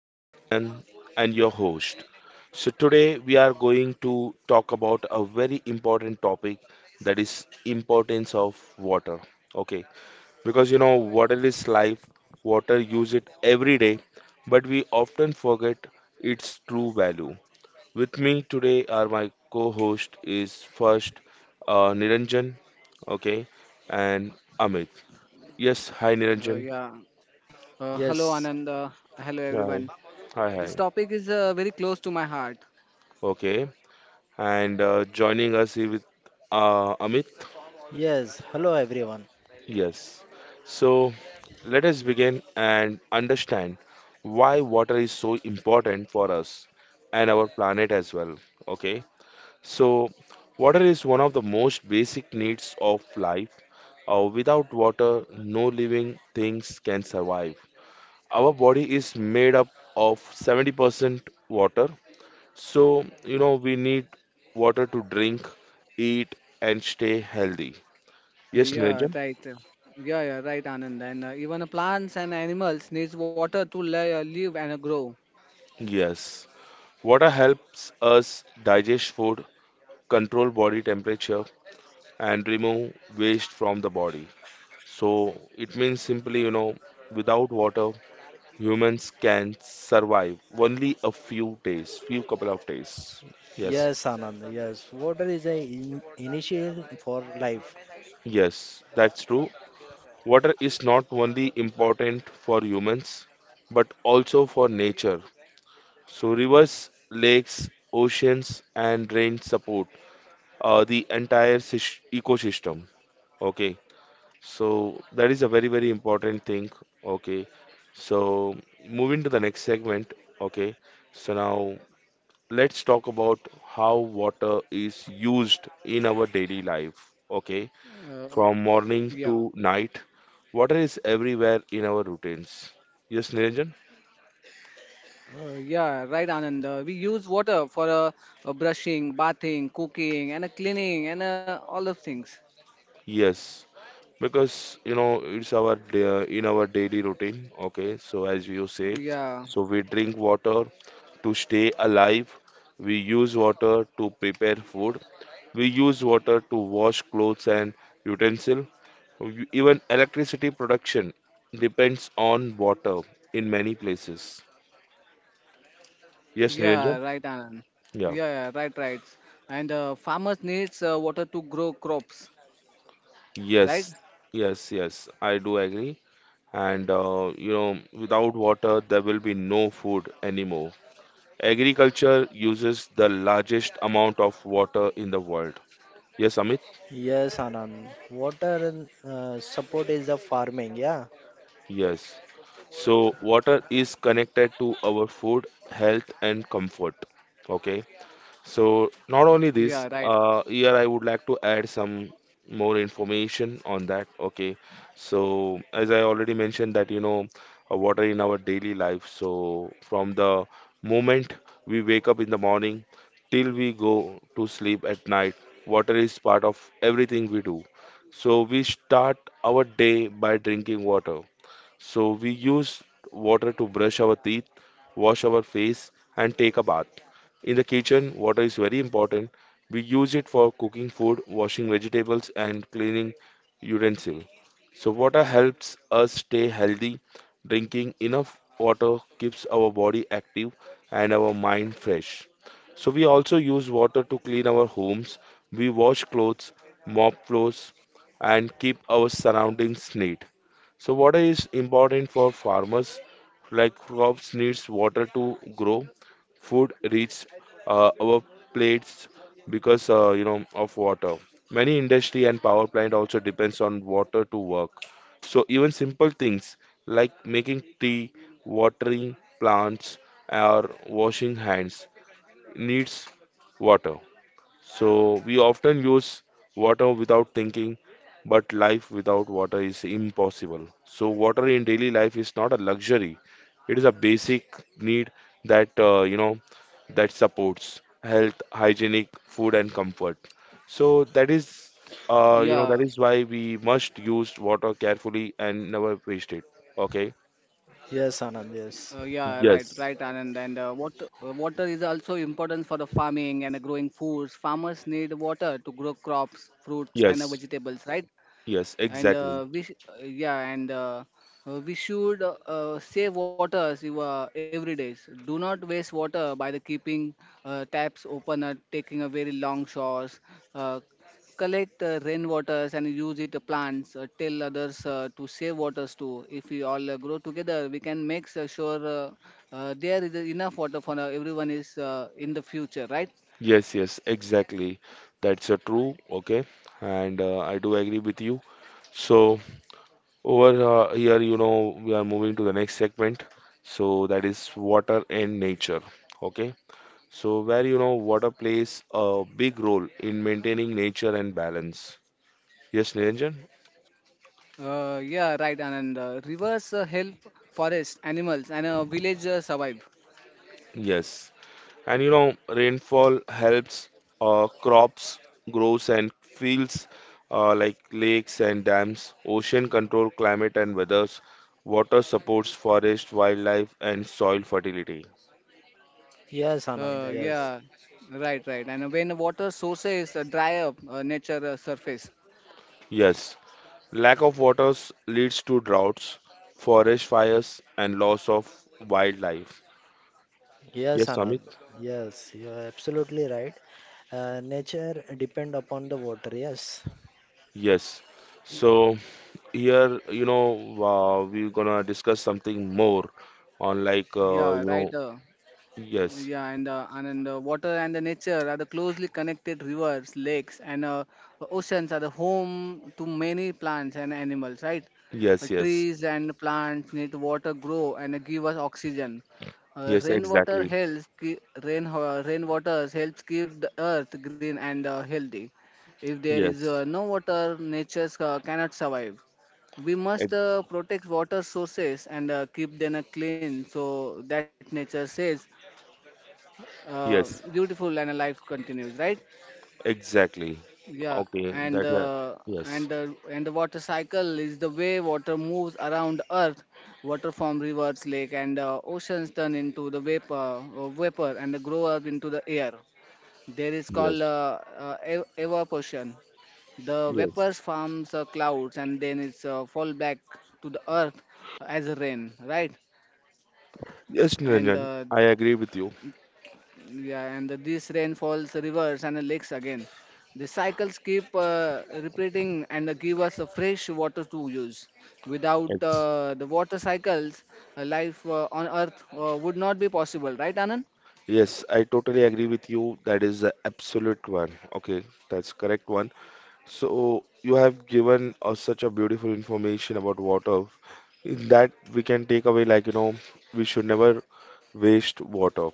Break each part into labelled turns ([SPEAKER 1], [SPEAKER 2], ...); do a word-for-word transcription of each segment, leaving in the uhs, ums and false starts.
[SPEAKER 1] I am Anand and your host. So, today we are going to talk about a very important topic that is importance of water. Okay, because you know water is life, water use it every day, but we often forget its true value. With me today are my co-host is first uh, Niranjan, okay, and Amit. Yes, hi
[SPEAKER 2] Uh,
[SPEAKER 1] Niranjan.
[SPEAKER 2] yeah. Uh, hello,
[SPEAKER 3] Yes,
[SPEAKER 2] Anand. Uh, hello,
[SPEAKER 1] Yeah,
[SPEAKER 2] everyone.
[SPEAKER 1] hi. Hi,
[SPEAKER 2] This
[SPEAKER 1] hi.
[SPEAKER 2] topic is uh, very close to my heart.
[SPEAKER 1] Okay. And uh, joining us is with uh, Amit.
[SPEAKER 3] yes. Hello, everyone.
[SPEAKER 1] Yes. So let us begin and understand why water is so important for us and our planet as well. Okay. So water is one of the most basic needs of life. Uh, without water, no living things can survive. Our body is made up of seventy percent water. So, you know, we need water to drink, eat, and stay healthy.
[SPEAKER 2] Uh,
[SPEAKER 1] Yes,
[SPEAKER 2] yeah,
[SPEAKER 1] Niranjan?
[SPEAKER 2] right. uh, Yeah, yeah, right, Anand. And uh, even uh, plants and animals needs water to li- uh, live and uh, grow.
[SPEAKER 1] Yes. Water helps us digest food, control body temperature, and remove waste from the body. So, it means simply, you know, without water, humans can survive only a few days, few couple of days. Yes.
[SPEAKER 3] Yes, Anand. Yes, water is a in initial for life.
[SPEAKER 1] Yes, that's true. Water is not only important for humans, but also for nature. So rivers, lakes, oceans, and rain support uh, the entire sys- ecosystem. Okay, so that is a very very important thing. Okay, so moving to the next segment. Okay, so now let's talk about how water is used in our daily life. Okay,
[SPEAKER 2] Uh,
[SPEAKER 1] from morning
[SPEAKER 2] yeah.
[SPEAKER 1] to night, water is everywhere in our routines. Yes, Niranjan?
[SPEAKER 2] Uh, yeah, right, Anand. Uh, we use water for uh, uh, brushing, bathing, cooking, and uh, cleaning, and uh, all of things.
[SPEAKER 1] Yes. Because you know it's our da- in our daily routine. Okay, so as you say,
[SPEAKER 2] Yeah,
[SPEAKER 1] so we drink water to stay alive. We use water to prepare food. We use water to wash clothes and utensil. We- Even electricity production depends on water in many places. Yes,
[SPEAKER 2] yeah,
[SPEAKER 1] Niranjan?
[SPEAKER 2] right, Anand.
[SPEAKER 1] Yeah.
[SPEAKER 2] Yeah, yeah, right, right. And uh, Farmers needs uh, water to grow crops, right?
[SPEAKER 1] Yes, yes, yes. I do agree. And uh, you know, without water, there will be no food anymore. Agriculture uses the largest amount of water in the world. Yes, Amit?
[SPEAKER 3] Yes, Anand. Water uh, support is the farming. Yeah.
[SPEAKER 1] Yes. So, water is connected to our food, health, and comfort. Okay. So not only
[SPEAKER 2] Yeah, right.
[SPEAKER 1] this, uh, here I would like to add some more information on that. Okay, so as I already mentioned that you know uh, water in our daily life. So from the moment we wake up in the morning till we go to sleep at night, water is part of everything we do. So we start our day by drinking water. So we use water to brush our teeth, wash our face, and take a bath. In the kitchen, water is very important. We use it for cooking food, washing vegetables, and cleaning utensils. So water helps us stay healthy. Drinking enough water keeps our body active and our mind fresh. So we also use water to clean our homes. We wash clothes, mop floors, and keep our surroundings neat. So water is important for farmers. Like crops needs water to grow. Food reaches uh, our plates because uh, you know of water. Many industry and power plant also depends on water to work. So even simple things like making tea, watering plants, or washing hands needs water. So we often use water without thinking, but life without water is impossible. So water in daily life is not a luxury. It is a basic need that uh, you know that supports health, hygienic food and comfort. So that is
[SPEAKER 2] Yeah,
[SPEAKER 1] uh, you know that is why we must use water carefully and never waste it. Okay?
[SPEAKER 3] Yes,
[SPEAKER 2] uh,
[SPEAKER 3] Anand.
[SPEAKER 2] yeah,
[SPEAKER 3] Yes.
[SPEAKER 2] right, right, Anand.
[SPEAKER 1] Yes.
[SPEAKER 2] And uh, water, uh, water is also important for the farming and the growing foods. Farmers need water to grow crops, fruits, and uh,
[SPEAKER 1] Yes.
[SPEAKER 2] vegetables, right?
[SPEAKER 1] Yes,
[SPEAKER 2] and
[SPEAKER 1] exactly.
[SPEAKER 2] uh, we sh- uh, yeah and uh, uh, we should uh, uh, save water as you, uh, every day. So do not waste water by the keeping uh, taps open or taking a very long showers. uh, Collect uh, rainwaters and use it to plants. Uh, tell others uh, to save waters too. If we all uh, grow together, we can make s- sure uh, uh, there is enough water for uh, everyone is uh, in the future, right?
[SPEAKER 1] Yes, yes, exactly. That's uh, true. Okay, and uh, I do agree with you. So over uh, here, you know, we are moving to the next segment. So that is water and nature. Okay, so where you know water plays a big role in maintaining nature and balance. Yes, Niranjan?
[SPEAKER 2] Uh, yeah right and, and uh, rivers uh, help forest animals and uh, village uh, survive.
[SPEAKER 1] Yes. And you know, rainfall helps uh, crops grows and fields uh, like lakes and dams. Ocean control climate and weathers. Water supports forest, wildlife, and soil fertility.
[SPEAKER 3] Yes,
[SPEAKER 2] Uh,
[SPEAKER 3] Anand. Yes.
[SPEAKER 2] yeah, right, right. And when water sources uh, dry up, uh, nature uh, surface.
[SPEAKER 1] Yes, lack of waters leads to droughts, forest fires, and loss of wildlife.
[SPEAKER 3] Yes,
[SPEAKER 1] Yes,
[SPEAKER 3] Anand.
[SPEAKER 1] Amit?
[SPEAKER 3] Yes, you are absolutely right. Uh, nature depend upon the water. Yes.
[SPEAKER 1] Yes. So here, you know, uh, we're gonna discuss something more on like,
[SPEAKER 2] Yeah,
[SPEAKER 1] uh, you
[SPEAKER 2] right.
[SPEAKER 1] know,
[SPEAKER 2] Uh,
[SPEAKER 1] yes.
[SPEAKER 2] Yeah, and uh, and, and uh, Water and the nature are the closely connected. Rivers, lakes, and uh, oceans are the home to many plants and animals, right? Uh,
[SPEAKER 1] Yes, yes,
[SPEAKER 2] trees and plants need water grow and give us oxygen. Uh,
[SPEAKER 1] yes,
[SPEAKER 2] rainwater
[SPEAKER 1] exactly.
[SPEAKER 2] helps ki- rain uh, rainwater helps keep the earth green and uh, healthy. If there is uh,
[SPEAKER 1] Yes,
[SPEAKER 2] no water, nature uh, cannot survive. We must
[SPEAKER 1] ex-
[SPEAKER 2] uh, protect water sources and uh, keep them uh, clean so that nature says uh,
[SPEAKER 1] yes,
[SPEAKER 2] beautiful and life continues, right?
[SPEAKER 1] exactly.
[SPEAKER 2] yeah
[SPEAKER 1] Okay,
[SPEAKER 2] and
[SPEAKER 1] that, uh,
[SPEAKER 2] uh,
[SPEAKER 1] yes,
[SPEAKER 2] and the and the water cycle is the way water moves around earth. Water from rivers, lake, and uh, oceans turn into the vapor, uh, vapor, and grow up into the air. There is called
[SPEAKER 1] yes,
[SPEAKER 2] uh, uh, ev- evaporation. The
[SPEAKER 1] yes.
[SPEAKER 2] vapors forms uh, clouds, and then it's uh, fall back to the earth as rain, right?
[SPEAKER 1] Yes,
[SPEAKER 2] and
[SPEAKER 1] Niranjan,
[SPEAKER 2] uh,
[SPEAKER 1] I agree with you.
[SPEAKER 2] Yeah, and the, these rainfalls, rivers, and the lakes again. The cycles keep uh, repeating and uh, give us uh, fresh water to use. Without
[SPEAKER 1] Ex
[SPEAKER 2] uh, the water cycles, uh, life uh, on Earth uh, would not be possible, right, Anand?
[SPEAKER 1] yes, I totally agree with you. That is the absolute one. Okay, that's correct one. So you have given us such a beautiful information about water that we can take away like, you know, we should never waste water.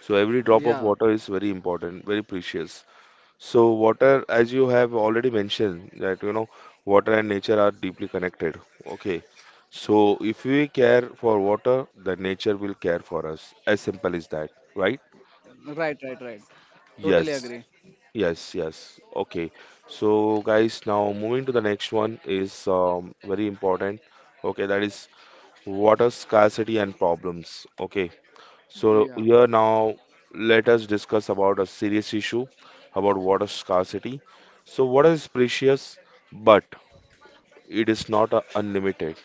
[SPEAKER 1] So every drop
[SPEAKER 2] Yeah,
[SPEAKER 1] of water is very important, very precious. So water, as you have already mentioned, that you know, water and nature are deeply connected. Okay. So if we care for water, the nature will care for us. As simple as that, right?
[SPEAKER 2] right, right, right. Totally agree.
[SPEAKER 1] Yes. Yes, yes. Okay. So guys, now moving to the next one is um, very important. Okay, that is water scarcity and problems. Okay. So
[SPEAKER 2] Yeah,
[SPEAKER 1] here now let us discuss about a serious issue about water scarcity. So water is precious, but it is not uh, unlimited.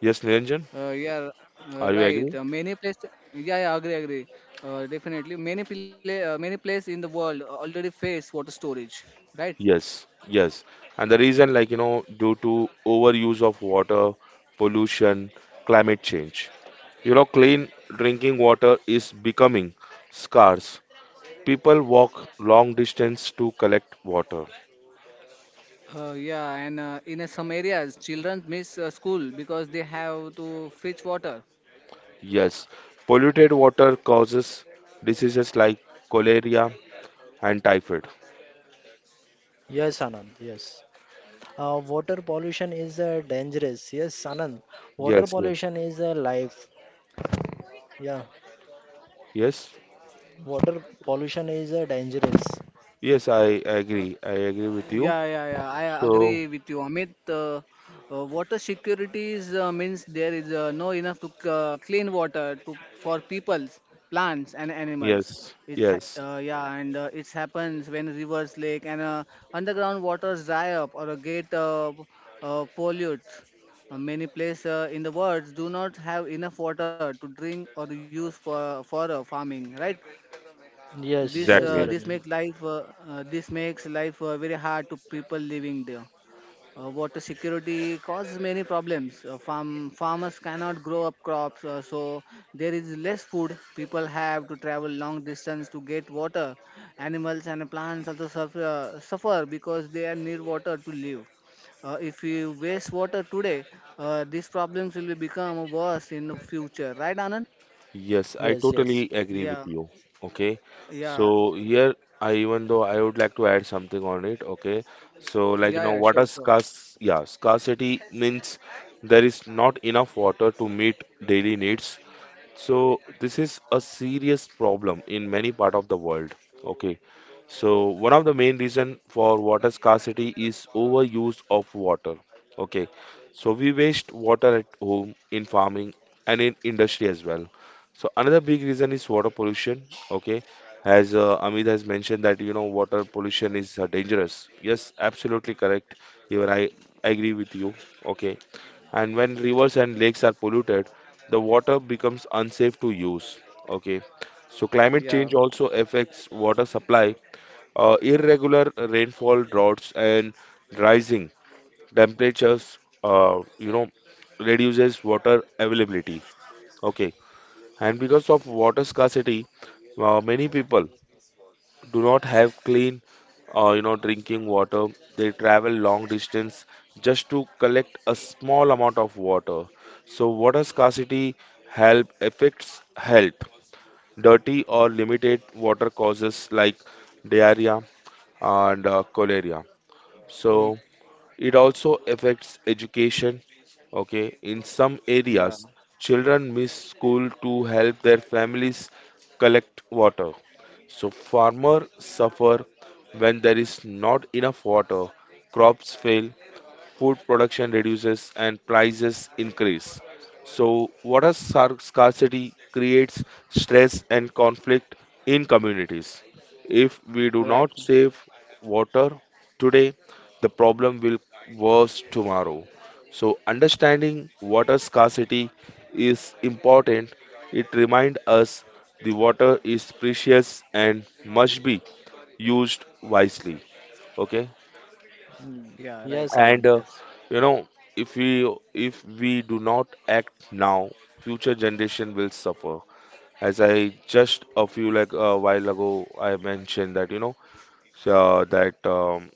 [SPEAKER 1] Yes, Niranjan,
[SPEAKER 2] uh, yeah,
[SPEAKER 1] are
[SPEAKER 2] uh,
[SPEAKER 1] you agree?
[SPEAKER 2] right. Uh, many places, yeah, yeah, agree, agree. Uh, definitely, many pla- uh, many places in the world already face water storage, right?
[SPEAKER 1] Yes, yes. And the reason, like you know, due to overuse of water, pollution, climate change. You know, clean drinking water is becoming scarce. People walk long distance to collect water.
[SPEAKER 2] Uh, yeah, and uh, in uh, some areas, children miss uh, school because they have to fetch water.
[SPEAKER 1] Yes, polluted water causes diseases like cholera and typhoid.
[SPEAKER 3] Yes, Anand. Yes. Uh, water pollution is uh, dangerous. Yes, Anand. Water
[SPEAKER 1] Yes, yes,
[SPEAKER 3] pollution is uh, life. Yeah.
[SPEAKER 1] yes,
[SPEAKER 3] Water pollution is uh, dangerous.
[SPEAKER 1] yes, I
[SPEAKER 2] Uh,
[SPEAKER 1] agree. I agree with you.
[SPEAKER 2] Yeah, yeah, yeah. I
[SPEAKER 1] So,
[SPEAKER 2] agree with you, Amit. Uh, uh, water security is, uh, means there is uh, no enough to c- uh, clean water to for peoples, plants, and animals.
[SPEAKER 1] yes,
[SPEAKER 2] It's ha-
[SPEAKER 1] yes,
[SPEAKER 2] uh, yeah, and uh, it happens when rivers, lake, and uh, underground waters dry up or uh, get uh, uh, polluted. Uh, many places uh, in the world do not have enough water to drink or use for for uh, farming, right?
[SPEAKER 3] Yes,
[SPEAKER 2] This
[SPEAKER 3] yes,
[SPEAKER 2] uh,
[SPEAKER 1] exactly.
[SPEAKER 2] this
[SPEAKER 3] Niranjan.
[SPEAKER 2] makes life uh, uh, this makes life uh, very hard to people living there. Uh, water security causes many problems. Uh, farm farmers cannot grow up crops, uh, so there is less food. People have to travel long distance to get water. Animals and plants also suffer, uh, suffer because they are need water to live. Uh, if we waste water today, uh, these problems will become worse in the future. Right, Anand?
[SPEAKER 1] Yes, I
[SPEAKER 3] Yes, yes.
[SPEAKER 1] totally agree with
[SPEAKER 2] Yeah,
[SPEAKER 1] you. Okay.
[SPEAKER 2] yeah,
[SPEAKER 1] So, here I even though I would like to add something on it. Okay. So, like, you know,
[SPEAKER 2] yeah, yeah.
[SPEAKER 1] water
[SPEAKER 2] Sure, sure.
[SPEAKER 1] scarce, yeah, scarcity means there is not enough water to meet daily needs. So this is a serious problem in many part of the world. Okay. So one of the main reason for water scarcity is overuse of water. Okay. So we waste water at home, in farming and in industry as well. So another big reason is water pollution. Okay. As uh, Amit has mentioned that you know water pollution is uh, dangerous. Yes, absolutely correct. Even I agree with you. Okay, and when rivers and lakes are polluted, the water becomes unsafe to use. Okay, so climate change
[SPEAKER 2] Yeah,
[SPEAKER 1] also affects water supply. Uh, irregular rainfall, droughts, and rising temperatures uh, you know reduces water availability. Okay, and because of water scarcity, uh, many people do not have clean uh, you know drinking water. They travel long distance just to collect a small amount of water. So water scarcity help affects health. Dirty or limited water causes like diarrhea and uh, cholera.
[SPEAKER 3] Y-
[SPEAKER 1] So it also affects education. Okay, in some
[SPEAKER 2] Yeah,
[SPEAKER 1] areas, children miss school to help their families collect water. So farmers suffer when there is not enough water, crops fail, food production reduces and prices increase. So, water scar- scarcity creates stress and conflict in communities. If we do
[SPEAKER 2] right.
[SPEAKER 1] not save water today, the problem will worse tomorrow. So, understanding water scarcity is important. It reminds us the water is precious and must be used wisely. Okay,
[SPEAKER 3] mm.
[SPEAKER 2] Yeah, right.
[SPEAKER 3] Yes,
[SPEAKER 1] and
[SPEAKER 3] Anand.
[SPEAKER 1] uh,
[SPEAKER 3] Yes,
[SPEAKER 1] you know if we if we do not act now, future generation will suffer. As I just a few like a while ago I mentioned that you know so that um,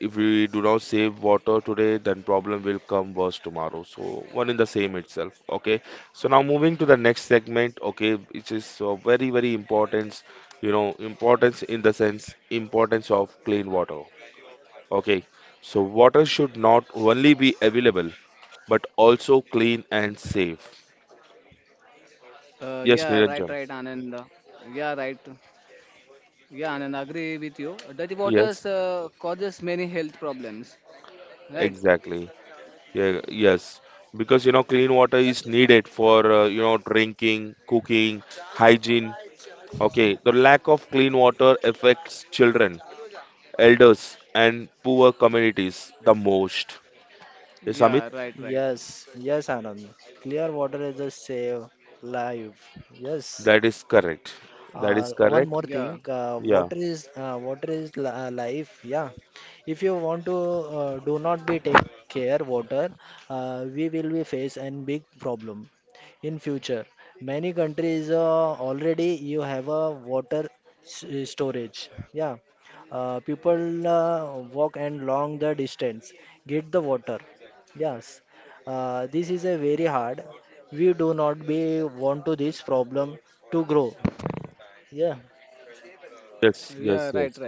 [SPEAKER 1] if we do not save water today, then problem will come worse tomorrow. So one in the same itself. Okay, so now moving to the next segment, okay, which is uh, very very important. You know importance in the sense importance of clean water. Okay, so water should not only be available but also clean and safe.
[SPEAKER 2] Uh, yeah,
[SPEAKER 1] Yes,
[SPEAKER 2] right, right,
[SPEAKER 1] Niranjan.
[SPEAKER 2] Anand. Yeah, right. Yeah, Anand, agree with you. Dirty waters
[SPEAKER 1] Yes,
[SPEAKER 2] uh, causes many health problems. Right.
[SPEAKER 1] exactly. Yeah, yes, because you know clean water is needed for uh, you know drinking, cooking, hygiene. Okay, the lack of clean water affects children, elders, and poor communities the most. Yes, Amit,
[SPEAKER 2] Yeah, right, right.
[SPEAKER 3] yes, yes, Anand. Clear water is a save life. Yes.
[SPEAKER 1] that is correct. That
[SPEAKER 3] Uh,
[SPEAKER 1] is
[SPEAKER 3] one
[SPEAKER 1] correct.
[SPEAKER 3] more
[SPEAKER 2] Yeah,
[SPEAKER 3] thing, uh,
[SPEAKER 1] Yeah.
[SPEAKER 3] water is uh, water is li- uh, life. Yeah, if you want to uh, do not be take care water, uh, we will be face a big problem in future. Many countries uh, already you have a water s- uh, storage. Yeah, uh, people uh, walk and long the distance get the water. Yes, uh, this is a very hard. We do not be want to this problem to grow. Yeah.
[SPEAKER 1] Yes,
[SPEAKER 2] yeah,
[SPEAKER 1] yes,
[SPEAKER 2] right,
[SPEAKER 1] yes.
[SPEAKER 2] right.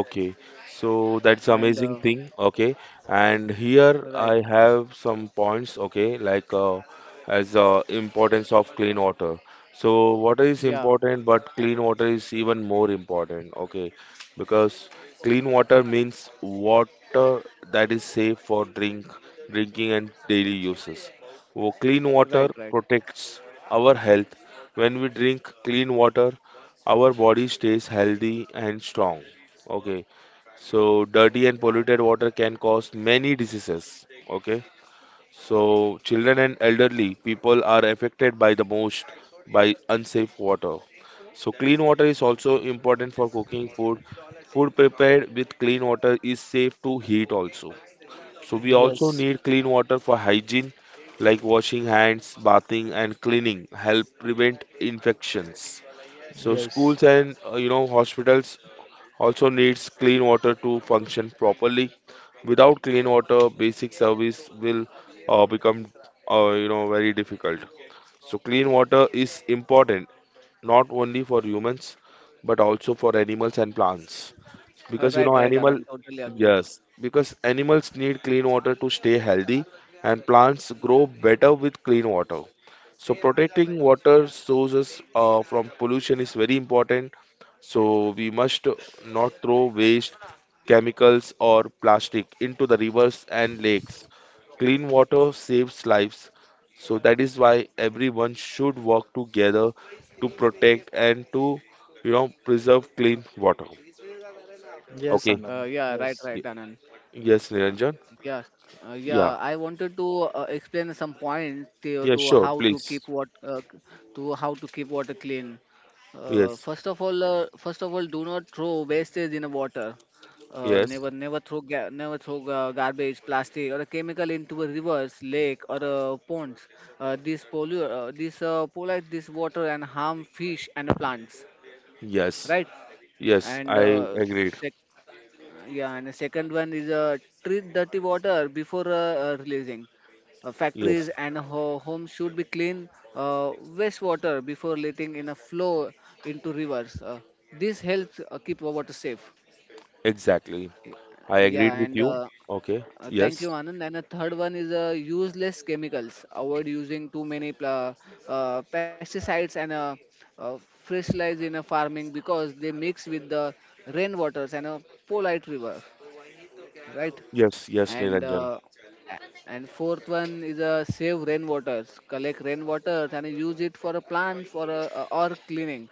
[SPEAKER 1] Okay, so that's
[SPEAKER 2] And uh,
[SPEAKER 1] amazing thing. Okay, and here
[SPEAKER 2] right.
[SPEAKER 1] I have some points. Okay, like uh, as uh, importance of clean water. So water is
[SPEAKER 2] Yeah,
[SPEAKER 1] important, but clean water is even more important. Okay, because clean water means water that is safe for drink, drinking and daily uses. Wo- Clean
[SPEAKER 2] right,
[SPEAKER 1] water
[SPEAKER 2] right.
[SPEAKER 1] protects our health. When we drink clean water, our body stays healthy and strong. Okay. So dirty and polluted water can cause many diseases. Okay. So children and elderly people are affected by the most by unsafe water. So clean water is also important for cooking food. Food prepared with clean water is safe to heat also. So we also
[SPEAKER 3] Yes.
[SPEAKER 1] need clean water for hygiene like washing hands, bathing and cleaning help prevent infections. So
[SPEAKER 3] Yes.
[SPEAKER 1] schools and uh, you know hospitals also needs clean water to function properly. Without clean water, basic service will uh, become uh, you know very difficult. So clean water is important not only for humans but also for animals and plants because
[SPEAKER 2] Uh,
[SPEAKER 1] you know
[SPEAKER 2] right, right,
[SPEAKER 1] animal
[SPEAKER 2] Anand. Totally agree.
[SPEAKER 1] Yes, because animals need clean water to stay healthy, and plants grow better with clean water. So protecting water sources uh, from pollution is very important. So we must not throw waste, chemicals or plastic into the rivers and lakes. Clean water saves lives, so that is why everyone should work together to protect and to you know preserve clean water.
[SPEAKER 3] Yes,
[SPEAKER 1] Okay.
[SPEAKER 2] Uh,
[SPEAKER 3] Anand.
[SPEAKER 2] yeah, right,
[SPEAKER 3] Yes.
[SPEAKER 2] right,
[SPEAKER 1] Y-
[SPEAKER 2] Anand.
[SPEAKER 1] Yes,
[SPEAKER 2] Uh,
[SPEAKER 1] Niranjan.
[SPEAKER 2] yes, uh,
[SPEAKER 1] Yeah.
[SPEAKER 2] yeah. I wanted to uh, explain some points to,
[SPEAKER 1] Yeah,
[SPEAKER 2] to
[SPEAKER 1] sure,
[SPEAKER 2] how to
[SPEAKER 1] please.
[SPEAKER 2] keep what uh, to how to keep water clean. Uh,
[SPEAKER 1] Yes.
[SPEAKER 2] first of all, uh, first of all, do not throw wastage in the water. Uh,
[SPEAKER 1] Yes.
[SPEAKER 2] never, never throw ga- never throw uh, garbage, plastic, or a chemical into a rivers, lake, or uh, ponds. Uh, this pollute, uh, this uh, pollute this water and harm fish and plants.
[SPEAKER 1] Yes.
[SPEAKER 2] Right.
[SPEAKER 1] Yes,
[SPEAKER 2] And
[SPEAKER 1] I
[SPEAKER 2] uh,
[SPEAKER 1] agreed.
[SPEAKER 2] s- yeah, and the second one is uh, treat dirty water before uh, uh, releasing. Uh,
[SPEAKER 1] Yes.
[SPEAKER 2] factories and ho- homes should be clean uh, wastewater before letting in a flow into rivers. Uh, this helps uh, keep our water safe.
[SPEAKER 1] Exactly.
[SPEAKER 2] Y-
[SPEAKER 1] I
[SPEAKER 2] Yeah,
[SPEAKER 1] agreed with
[SPEAKER 2] and
[SPEAKER 1] you.
[SPEAKER 2] uh,
[SPEAKER 1] Okay.
[SPEAKER 2] uh, Thank you,
[SPEAKER 1] Yes.
[SPEAKER 2] Anand. And the third one is uh, use less chemicals. Avoid using too many pla- uh, pesticides and uh, uh, fertilizers in a farming because they mix with the rainwaters and a polite river, right?
[SPEAKER 1] Yes, yes,
[SPEAKER 2] And
[SPEAKER 1] Niranjan.
[SPEAKER 2] uh, a- and fourth one is uh, save rainwaters, collect rainwater and use it for a plant for a, a- or cleaning.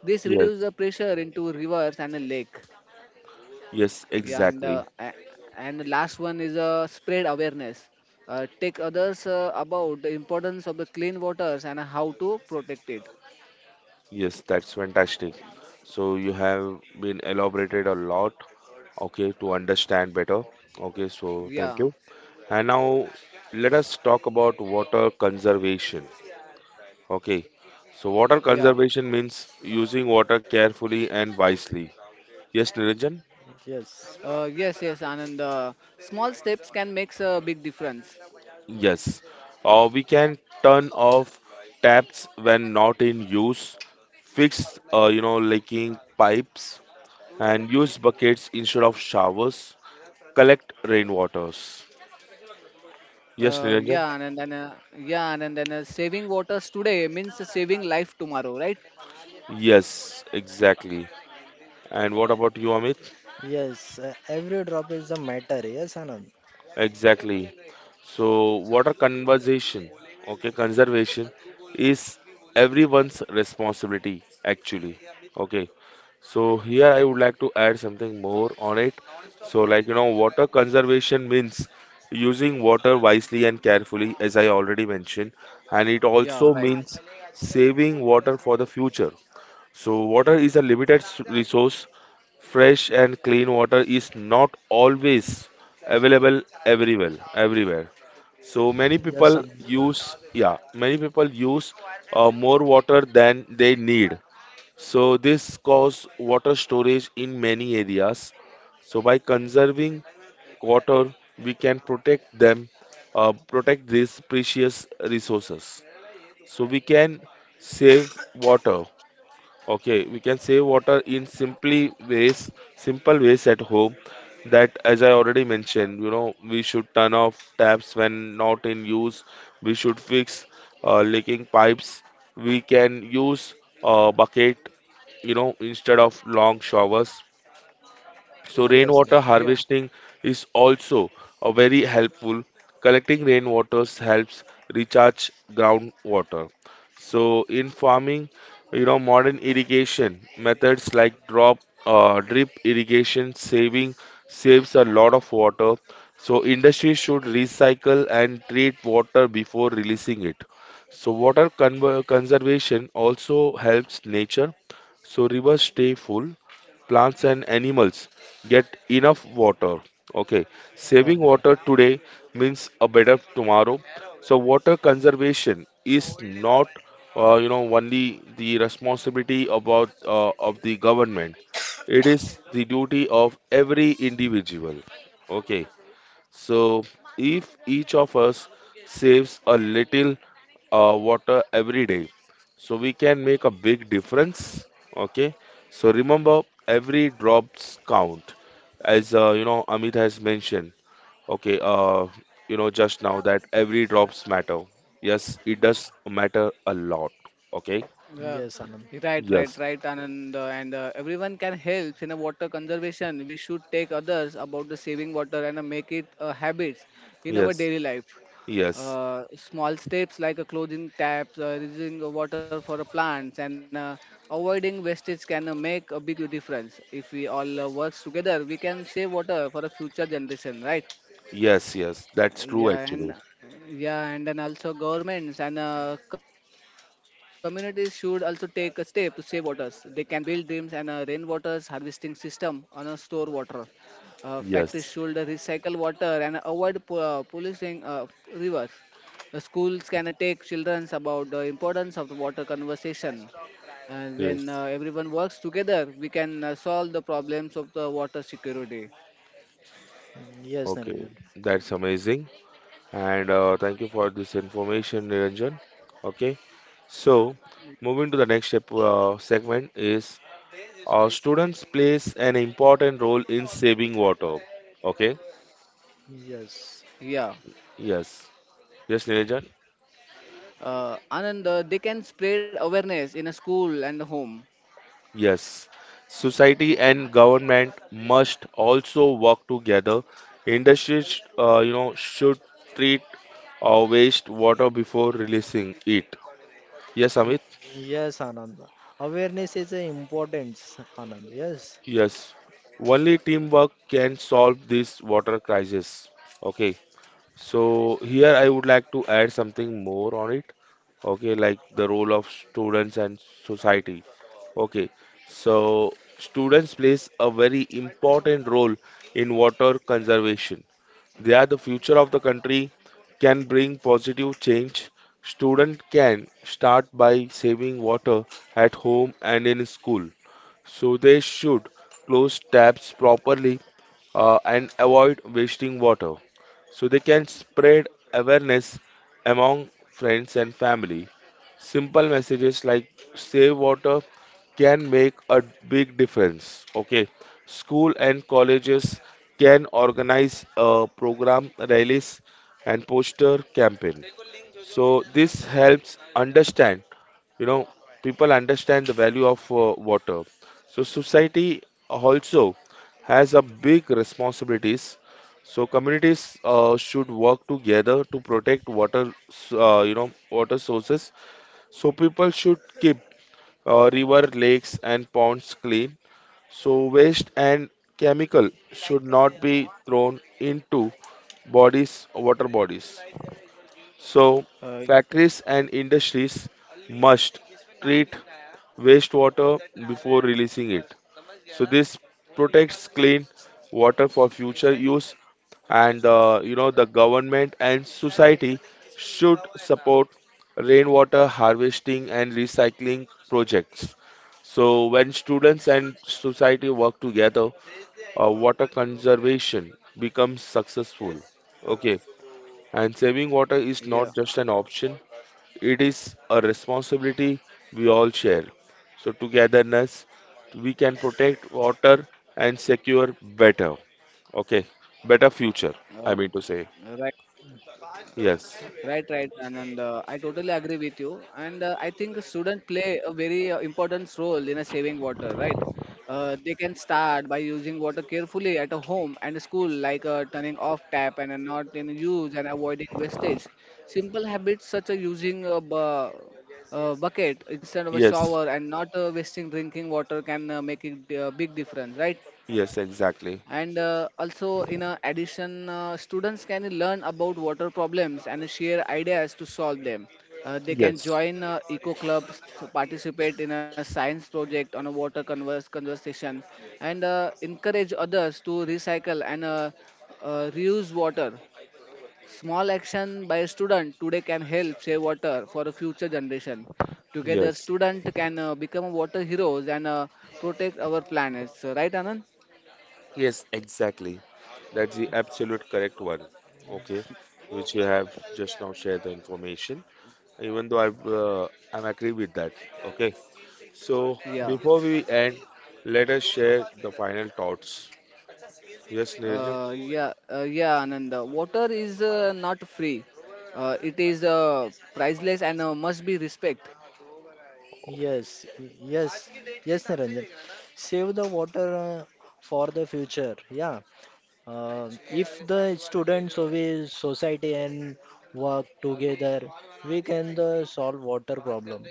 [SPEAKER 2] This reduces
[SPEAKER 1] Yes.
[SPEAKER 2] the pressure into rivers and a lake.
[SPEAKER 1] Yes,
[SPEAKER 2] Yeah, and
[SPEAKER 1] exactly.
[SPEAKER 2] uh, a- and the last one is uh, spread awareness. Uh, take others uh, about the importance of the clean waters and how to protect it.
[SPEAKER 1] Yes, that's fantastic. So you have been elaborated a lot, okay, to understand better. Okay, so thank
[SPEAKER 2] Yeah,
[SPEAKER 1] you. And now let us talk about water conservation. Okay. So water
[SPEAKER 2] yeah.
[SPEAKER 1] conservation means using water carefully and wisely. Yes, Niranjan?
[SPEAKER 3] Yes.
[SPEAKER 2] Uh, yes, yes, Anand. Uh, small steps can make a big difference.
[SPEAKER 1] Yes. Uh, we can turn off taps when not in use, fix uh, you know leaking pipes and use buckets instead of showers. Collect rainwaters. Yes,
[SPEAKER 2] Uh,
[SPEAKER 1] Niranjan?
[SPEAKER 2] yeah, and then uh, yeah, and then uh, Saving waters today means saving life tomorrow, right?
[SPEAKER 1] Yes, exactly. And what about you, Amit?
[SPEAKER 3] Yes. uh, Every drop is a matter. Yes, Anand.
[SPEAKER 1] Exactly. So, water conservation, okay, conservation is everyone's responsibility actually. Okay. So here I would like to add something more on it. So like you know, water conservation means using water wisely and carefully, as I already mentioned, and it also
[SPEAKER 2] Yeah, right.
[SPEAKER 1] means saving water for the future. So water is a limited s- resource. Fresh and clean water is not always available everywhere. Everywhere. So many
[SPEAKER 3] Yes,
[SPEAKER 1] people
[SPEAKER 3] Anand.
[SPEAKER 1] use, yeah, many people use uh, more water than they need. So this cause water storage in many areas. So by conserving water, we can protect them, uh, protect these precious resources. So we can save water Okay, we can save water in simply ways, simple ways at home. That, as I already mentioned, you know, we should turn off taps when not in use. We should fix uh, leaking pipes. We can use a bucket, you know, instead of long showers. So
[SPEAKER 3] Yes, Anand.
[SPEAKER 1] rainwater
[SPEAKER 2] Yeah,
[SPEAKER 1] harvesting is also a very helpful. Collecting rainwaters helps recharge groundwater. So in farming, you know, modern irrigation methods like drop, uh, drip irrigation saving saves a lot of water. So industry should recycle and treat water before releasing it. So water conver conservation also helps nature. So rivers stay full, plants and animals get enough water. Okay,
[SPEAKER 3] Yeah,
[SPEAKER 1] saving
[SPEAKER 3] yeah.
[SPEAKER 1] water today means a better tomorrow. So water conservation is not, uh, you know, only the responsibility about uh, of the government. It is the duty of every individual. Okay, so if each of us saves a little uh, water every day, so we can make a big difference. Okay. So remember, every drops count, as uh, you know, Amit has mentioned. Okay. Uh, you know, just now that every drops matter. Yes, it does matter a lot. Okay.
[SPEAKER 2] Yeah,
[SPEAKER 3] Yes, Anand.
[SPEAKER 2] right, right,
[SPEAKER 1] Yes.
[SPEAKER 2] right, Anand. uh, And uh, everyone can help in a water conservation. We should take others about the saving water and uh, make it a habit in our
[SPEAKER 1] Yes.
[SPEAKER 2] daily life.
[SPEAKER 1] Yes.
[SPEAKER 2] Uh, small steps like a closing taps, uh, reusing the water for the plants, and uh, avoiding wastage can uh, make a big difference. If we all uh, work together, we can save water for a future generation, right?
[SPEAKER 1] Yes. Yes. That's true,
[SPEAKER 2] yeah and
[SPEAKER 1] actually.
[SPEAKER 2] yeah and then also governments and uh, communities should also take a step to save waters. They can build dams and uh, rainwaters harvesting system on a store water. Uh, factories should
[SPEAKER 1] Yes.
[SPEAKER 2] recycle water and avoid po- uh, polluting uh, rivers. Uh, schools can uh, take children about the importance of the water conversation. And when
[SPEAKER 1] Yes.
[SPEAKER 2] uh, everyone works together, we can uh, solve the problems of the water security.
[SPEAKER 3] Yes,
[SPEAKER 1] Okay.
[SPEAKER 3] Niranjan.
[SPEAKER 1] That's amazing. And uh, thank you for this information, Niranjan. Okay, so moving to the next step, uh, segment is uh, students plays an important role in saving water. Okay,
[SPEAKER 3] Yes.
[SPEAKER 2] yeah
[SPEAKER 1] yes, yes, Niranjan,
[SPEAKER 2] Uh, Anand, uh, they can spread awareness in a school and the home.
[SPEAKER 1] yes. Society and government must also work together. Industries, uh, you know, should treat uh, waste water before releasing it. Yes,
[SPEAKER 3] Y-
[SPEAKER 1] Amit.
[SPEAKER 3] Yes, Anand. Awareness is a importance, Anand. Yes,
[SPEAKER 1] Yes, only teamwork can solve this water crisis. Okay, so here I would like to add something more on it. Okay, like the role of students and society. Okay, so students plays a very important role in water conservation. They are the future of the country, can bring positive change. Student can start by saving water at home and in school, so they should close taps properly, uh, and avoid wasting water. So they can spread awareness among friends and family. Simple messages like save water can make a big difference. Okay, school and colleges can organize a program, rallies, and poster campaign. So this helps understand, you know people understand the value of uh, water. So society also has a big responsibilities. So communities uh, should work together to protect water s- uh, you know water sources. So people should keep uh, river, lakes and ponds clean. So waste and chemical should not be thrown into bodies water bodies. So
[SPEAKER 2] Uh,
[SPEAKER 1] factories and industries must treat wastewater before releasing it. So this protects clean water for future use. And uh, you know the government and society should support rainwater harvesting and recycling projects. So when students and society work together, uh, water conservation becomes successful. Okay, and saving water is
[SPEAKER 2] Yeah,
[SPEAKER 1] not just an option, it is a responsibility we all share. So, togetherness, we can protect water and secure better. Okay, better future, I
[SPEAKER 2] uh,
[SPEAKER 1] mean to say.
[SPEAKER 2] right.
[SPEAKER 1] Yes,
[SPEAKER 2] Right, right, Anand. Uh, I totally agree with you. And uh, I think students play a very uh, important role in a saving water, right? Uh, they can start by using water carefully at a home and school, like uh, turning off tap and uh, not in use and avoiding wastage. Simple habits such as using a bu- uh, bucket instead of a
[SPEAKER 1] yes,
[SPEAKER 2] shower and not uh, wasting drinking water can uh, make a d- uh, big difference, right?
[SPEAKER 1] yes, exactly.
[SPEAKER 2] and uh, also in uh, addition uh, students can learn about water problems and share ideas to solve them. Uh, they can
[SPEAKER 1] Yes,
[SPEAKER 2] join uh, eco clubs, participate in a science project on a water converse conversation, and uh, encourage others to recycle and uh, uh, reuse water. Small action by a student today can help save water for a future generation. Together
[SPEAKER 1] yes,
[SPEAKER 2] student can uh, become water heroes and uh, protect our planets, right, Anand?
[SPEAKER 1] yes, exactly. That's the absolute correct one. Okay, which you have just now shared the information. Even though I've, uh, I'm agree with that. Okay, so
[SPEAKER 2] yeah
[SPEAKER 1] before we end, let us share the final thoughts. Yes, Nirjan.
[SPEAKER 2] Uh, yeah, uh, yeah, Ananda, water is uh, not free. Uh, it is uh, priceless and uh, must be respect.
[SPEAKER 3] yes, yes, yes, Niranjan. Save the water uh, for the future. Yeah. Uh, if the students of a society and work together, we can the solve water problem.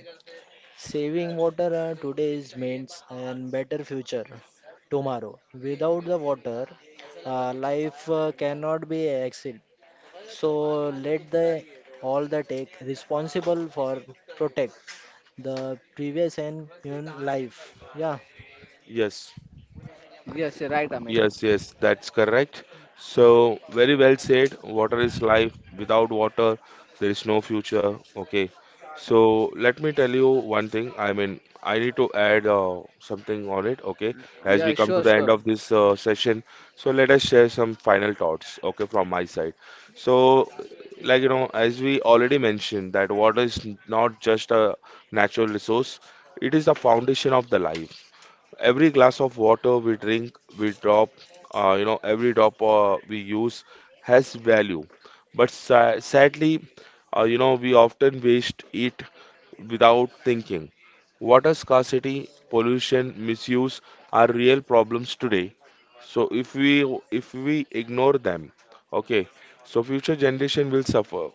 [SPEAKER 3] Saving water uh, today is means and better future tomorrow. Without the water, uh, life uh, cannot be exist. So let the all the take responsible for protect the previous and human life. Yeah.
[SPEAKER 1] Yes,
[SPEAKER 2] Yes, you're right, Amit.
[SPEAKER 1] yes, yes, that's correct. So, very well said. Water is life. Without water, there is no future. Okay. So let me tell you one thing. I mean, I need to add uh, something on it. Okay. As we
[SPEAKER 2] Yeah,
[SPEAKER 1] come to
[SPEAKER 2] sure,
[SPEAKER 1] the end
[SPEAKER 2] sure.
[SPEAKER 1] of this uh, session, so let us share some final thoughts. Okay, from my side. So, like, you know, as we already mentioned, that water is not just a natural resource, it is the foundation of the life. Every glass of water we drink, we drop, uh, you know, every drop uh, we use has value. But sa- sadly, uh, you know, we often waste it without thinking. Water scarcity, pollution, misuse are real problems today. So if we if we ignore them, okay, so future generation will suffer.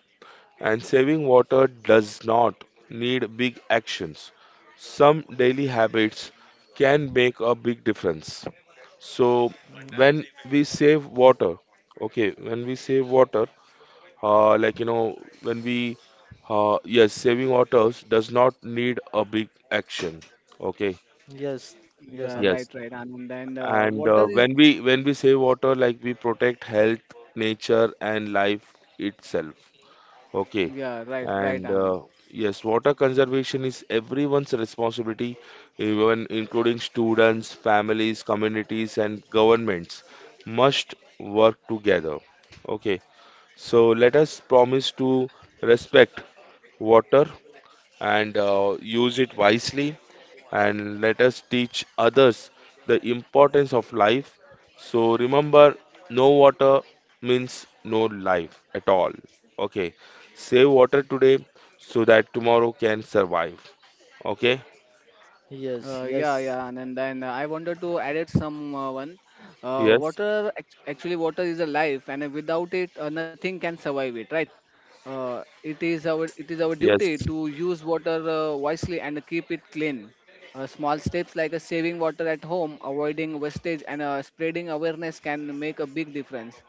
[SPEAKER 1] And saving water does not need big actions. Some daily habits can make a big difference. So
[SPEAKER 3] Mm.
[SPEAKER 1] when we save water, okay, when we save water, uh, like you know, when we, uh, yes, saving water does not need a big action. Okay,
[SPEAKER 3] Yes. Yes,
[SPEAKER 2] Yeah,
[SPEAKER 3] Anand.
[SPEAKER 1] yes.
[SPEAKER 2] right, right, Anand. And uh,
[SPEAKER 1] And uh,
[SPEAKER 2] water is
[SPEAKER 1] when we when we save water, like we protect health, nature, and life itself. Okay.
[SPEAKER 2] yeah, right, right,
[SPEAKER 1] And
[SPEAKER 2] Anand.
[SPEAKER 1] uh, yes, water conservation is everyone's responsibility, even including students, families, communities, and governments must work together. Okay. So let us promise to respect water and uh, use it wisely, and let us teach others the importance of life. So remember, no water means no life at all. Okay, save water today so that tomorrow can survive. Okay,
[SPEAKER 3] Yes.
[SPEAKER 2] Uh, yeah,
[SPEAKER 3] Yes.
[SPEAKER 2] yeah, and then then I wanted to add it some uh, one. Uh,
[SPEAKER 1] yes,
[SPEAKER 2] water act- actually water is a life, and without it, uh, nothing can survive it, right? Uh, it is our it is our duty
[SPEAKER 1] yes,
[SPEAKER 2] to use water uh, wisely and keep it clean. Uh, small steps like uh, saving water at home, avoiding wastage, and uh, spreading awareness can make a big difference.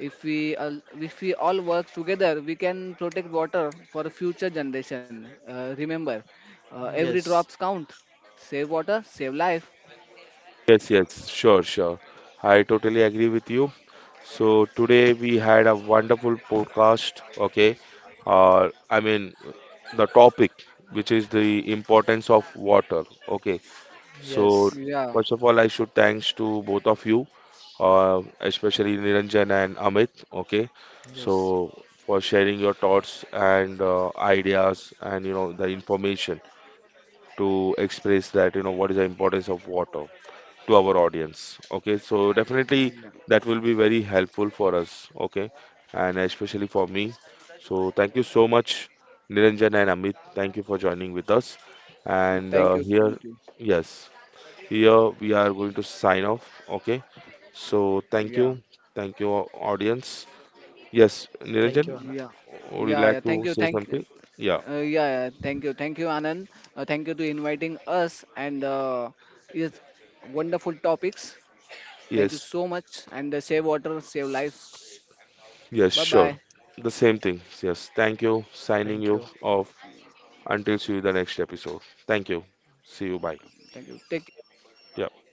[SPEAKER 2] If we all, if we all work together, we can protect water for future generation. Uh, remember, uh, every drops
[SPEAKER 3] Yes.
[SPEAKER 2] count. Save water, save life.
[SPEAKER 1] yes, yes, sure, sure. I totally agree with you. So today we had a wonderful podcast. Okay, uh, I mean, the topic which is the importance of water. Okay. So
[SPEAKER 3] Yes.
[SPEAKER 2] Yeah,
[SPEAKER 1] first of all, I should thanks to both of you, uh, especially Niranjan and Amit. Okay, so
[SPEAKER 3] Yes.
[SPEAKER 1] for sharing your thoughts and uh, ideas and you know the information to express that you know what is the importance of water to our audience. Okay, so definitely
[SPEAKER 2] yeah.
[SPEAKER 1] that will be very helpful for us. Okay, and especially for me. So thank you so much, Niranjan and Amit. Thank you for joining with us.
[SPEAKER 2] Uh,
[SPEAKER 1] And
[SPEAKER 2] Thank
[SPEAKER 1] uh,
[SPEAKER 2] you.
[SPEAKER 1] here,
[SPEAKER 2] Thank you.
[SPEAKER 1] yes. Here we are going to sign off. Okay. So thank
[SPEAKER 2] Yeah.
[SPEAKER 1] you. Thank you, au- audience. Yes,
[SPEAKER 3] Thank you,
[SPEAKER 1] Niranjan,
[SPEAKER 3] Anand.
[SPEAKER 2] Yeah.
[SPEAKER 1] would you
[SPEAKER 2] Yeah,
[SPEAKER 1] like
[SPEAKER 2] yeah.
[SPEAKER 1] to
[SPEAKER 2] Thank you.
[SPEAKER 1] say
[SPEAKER 2] Thank.
[SPEAKER 1] something? Yeah.
[SPEAKER 2] Uh, yeah, yeah. Thank you. Thank you, Anand. Uh, thank you to inviting us and uh, is wonderful topics. Thank you
[SPEAKER 1] Yes.
[SPEAKER 2] so much. And uh, save water, save life.
[SPEAKER 1] Yes,
[SPEAKER 2] Bye
[SPEAKER 1] sure.
[SPEAKER 2] bye.
[SPEAKER 1] The same thing. Yes. Thank you. Signing
[SPEAKER 3] Thank
[SPEAKER 1] you
[SPEAKER 3] you.
[SPEAKER 1] off until see you the next episode. Thank you. See you. Bye.
[SPEAKER 2] Thank you. Take care.
[SPEAKER 1] Yeah.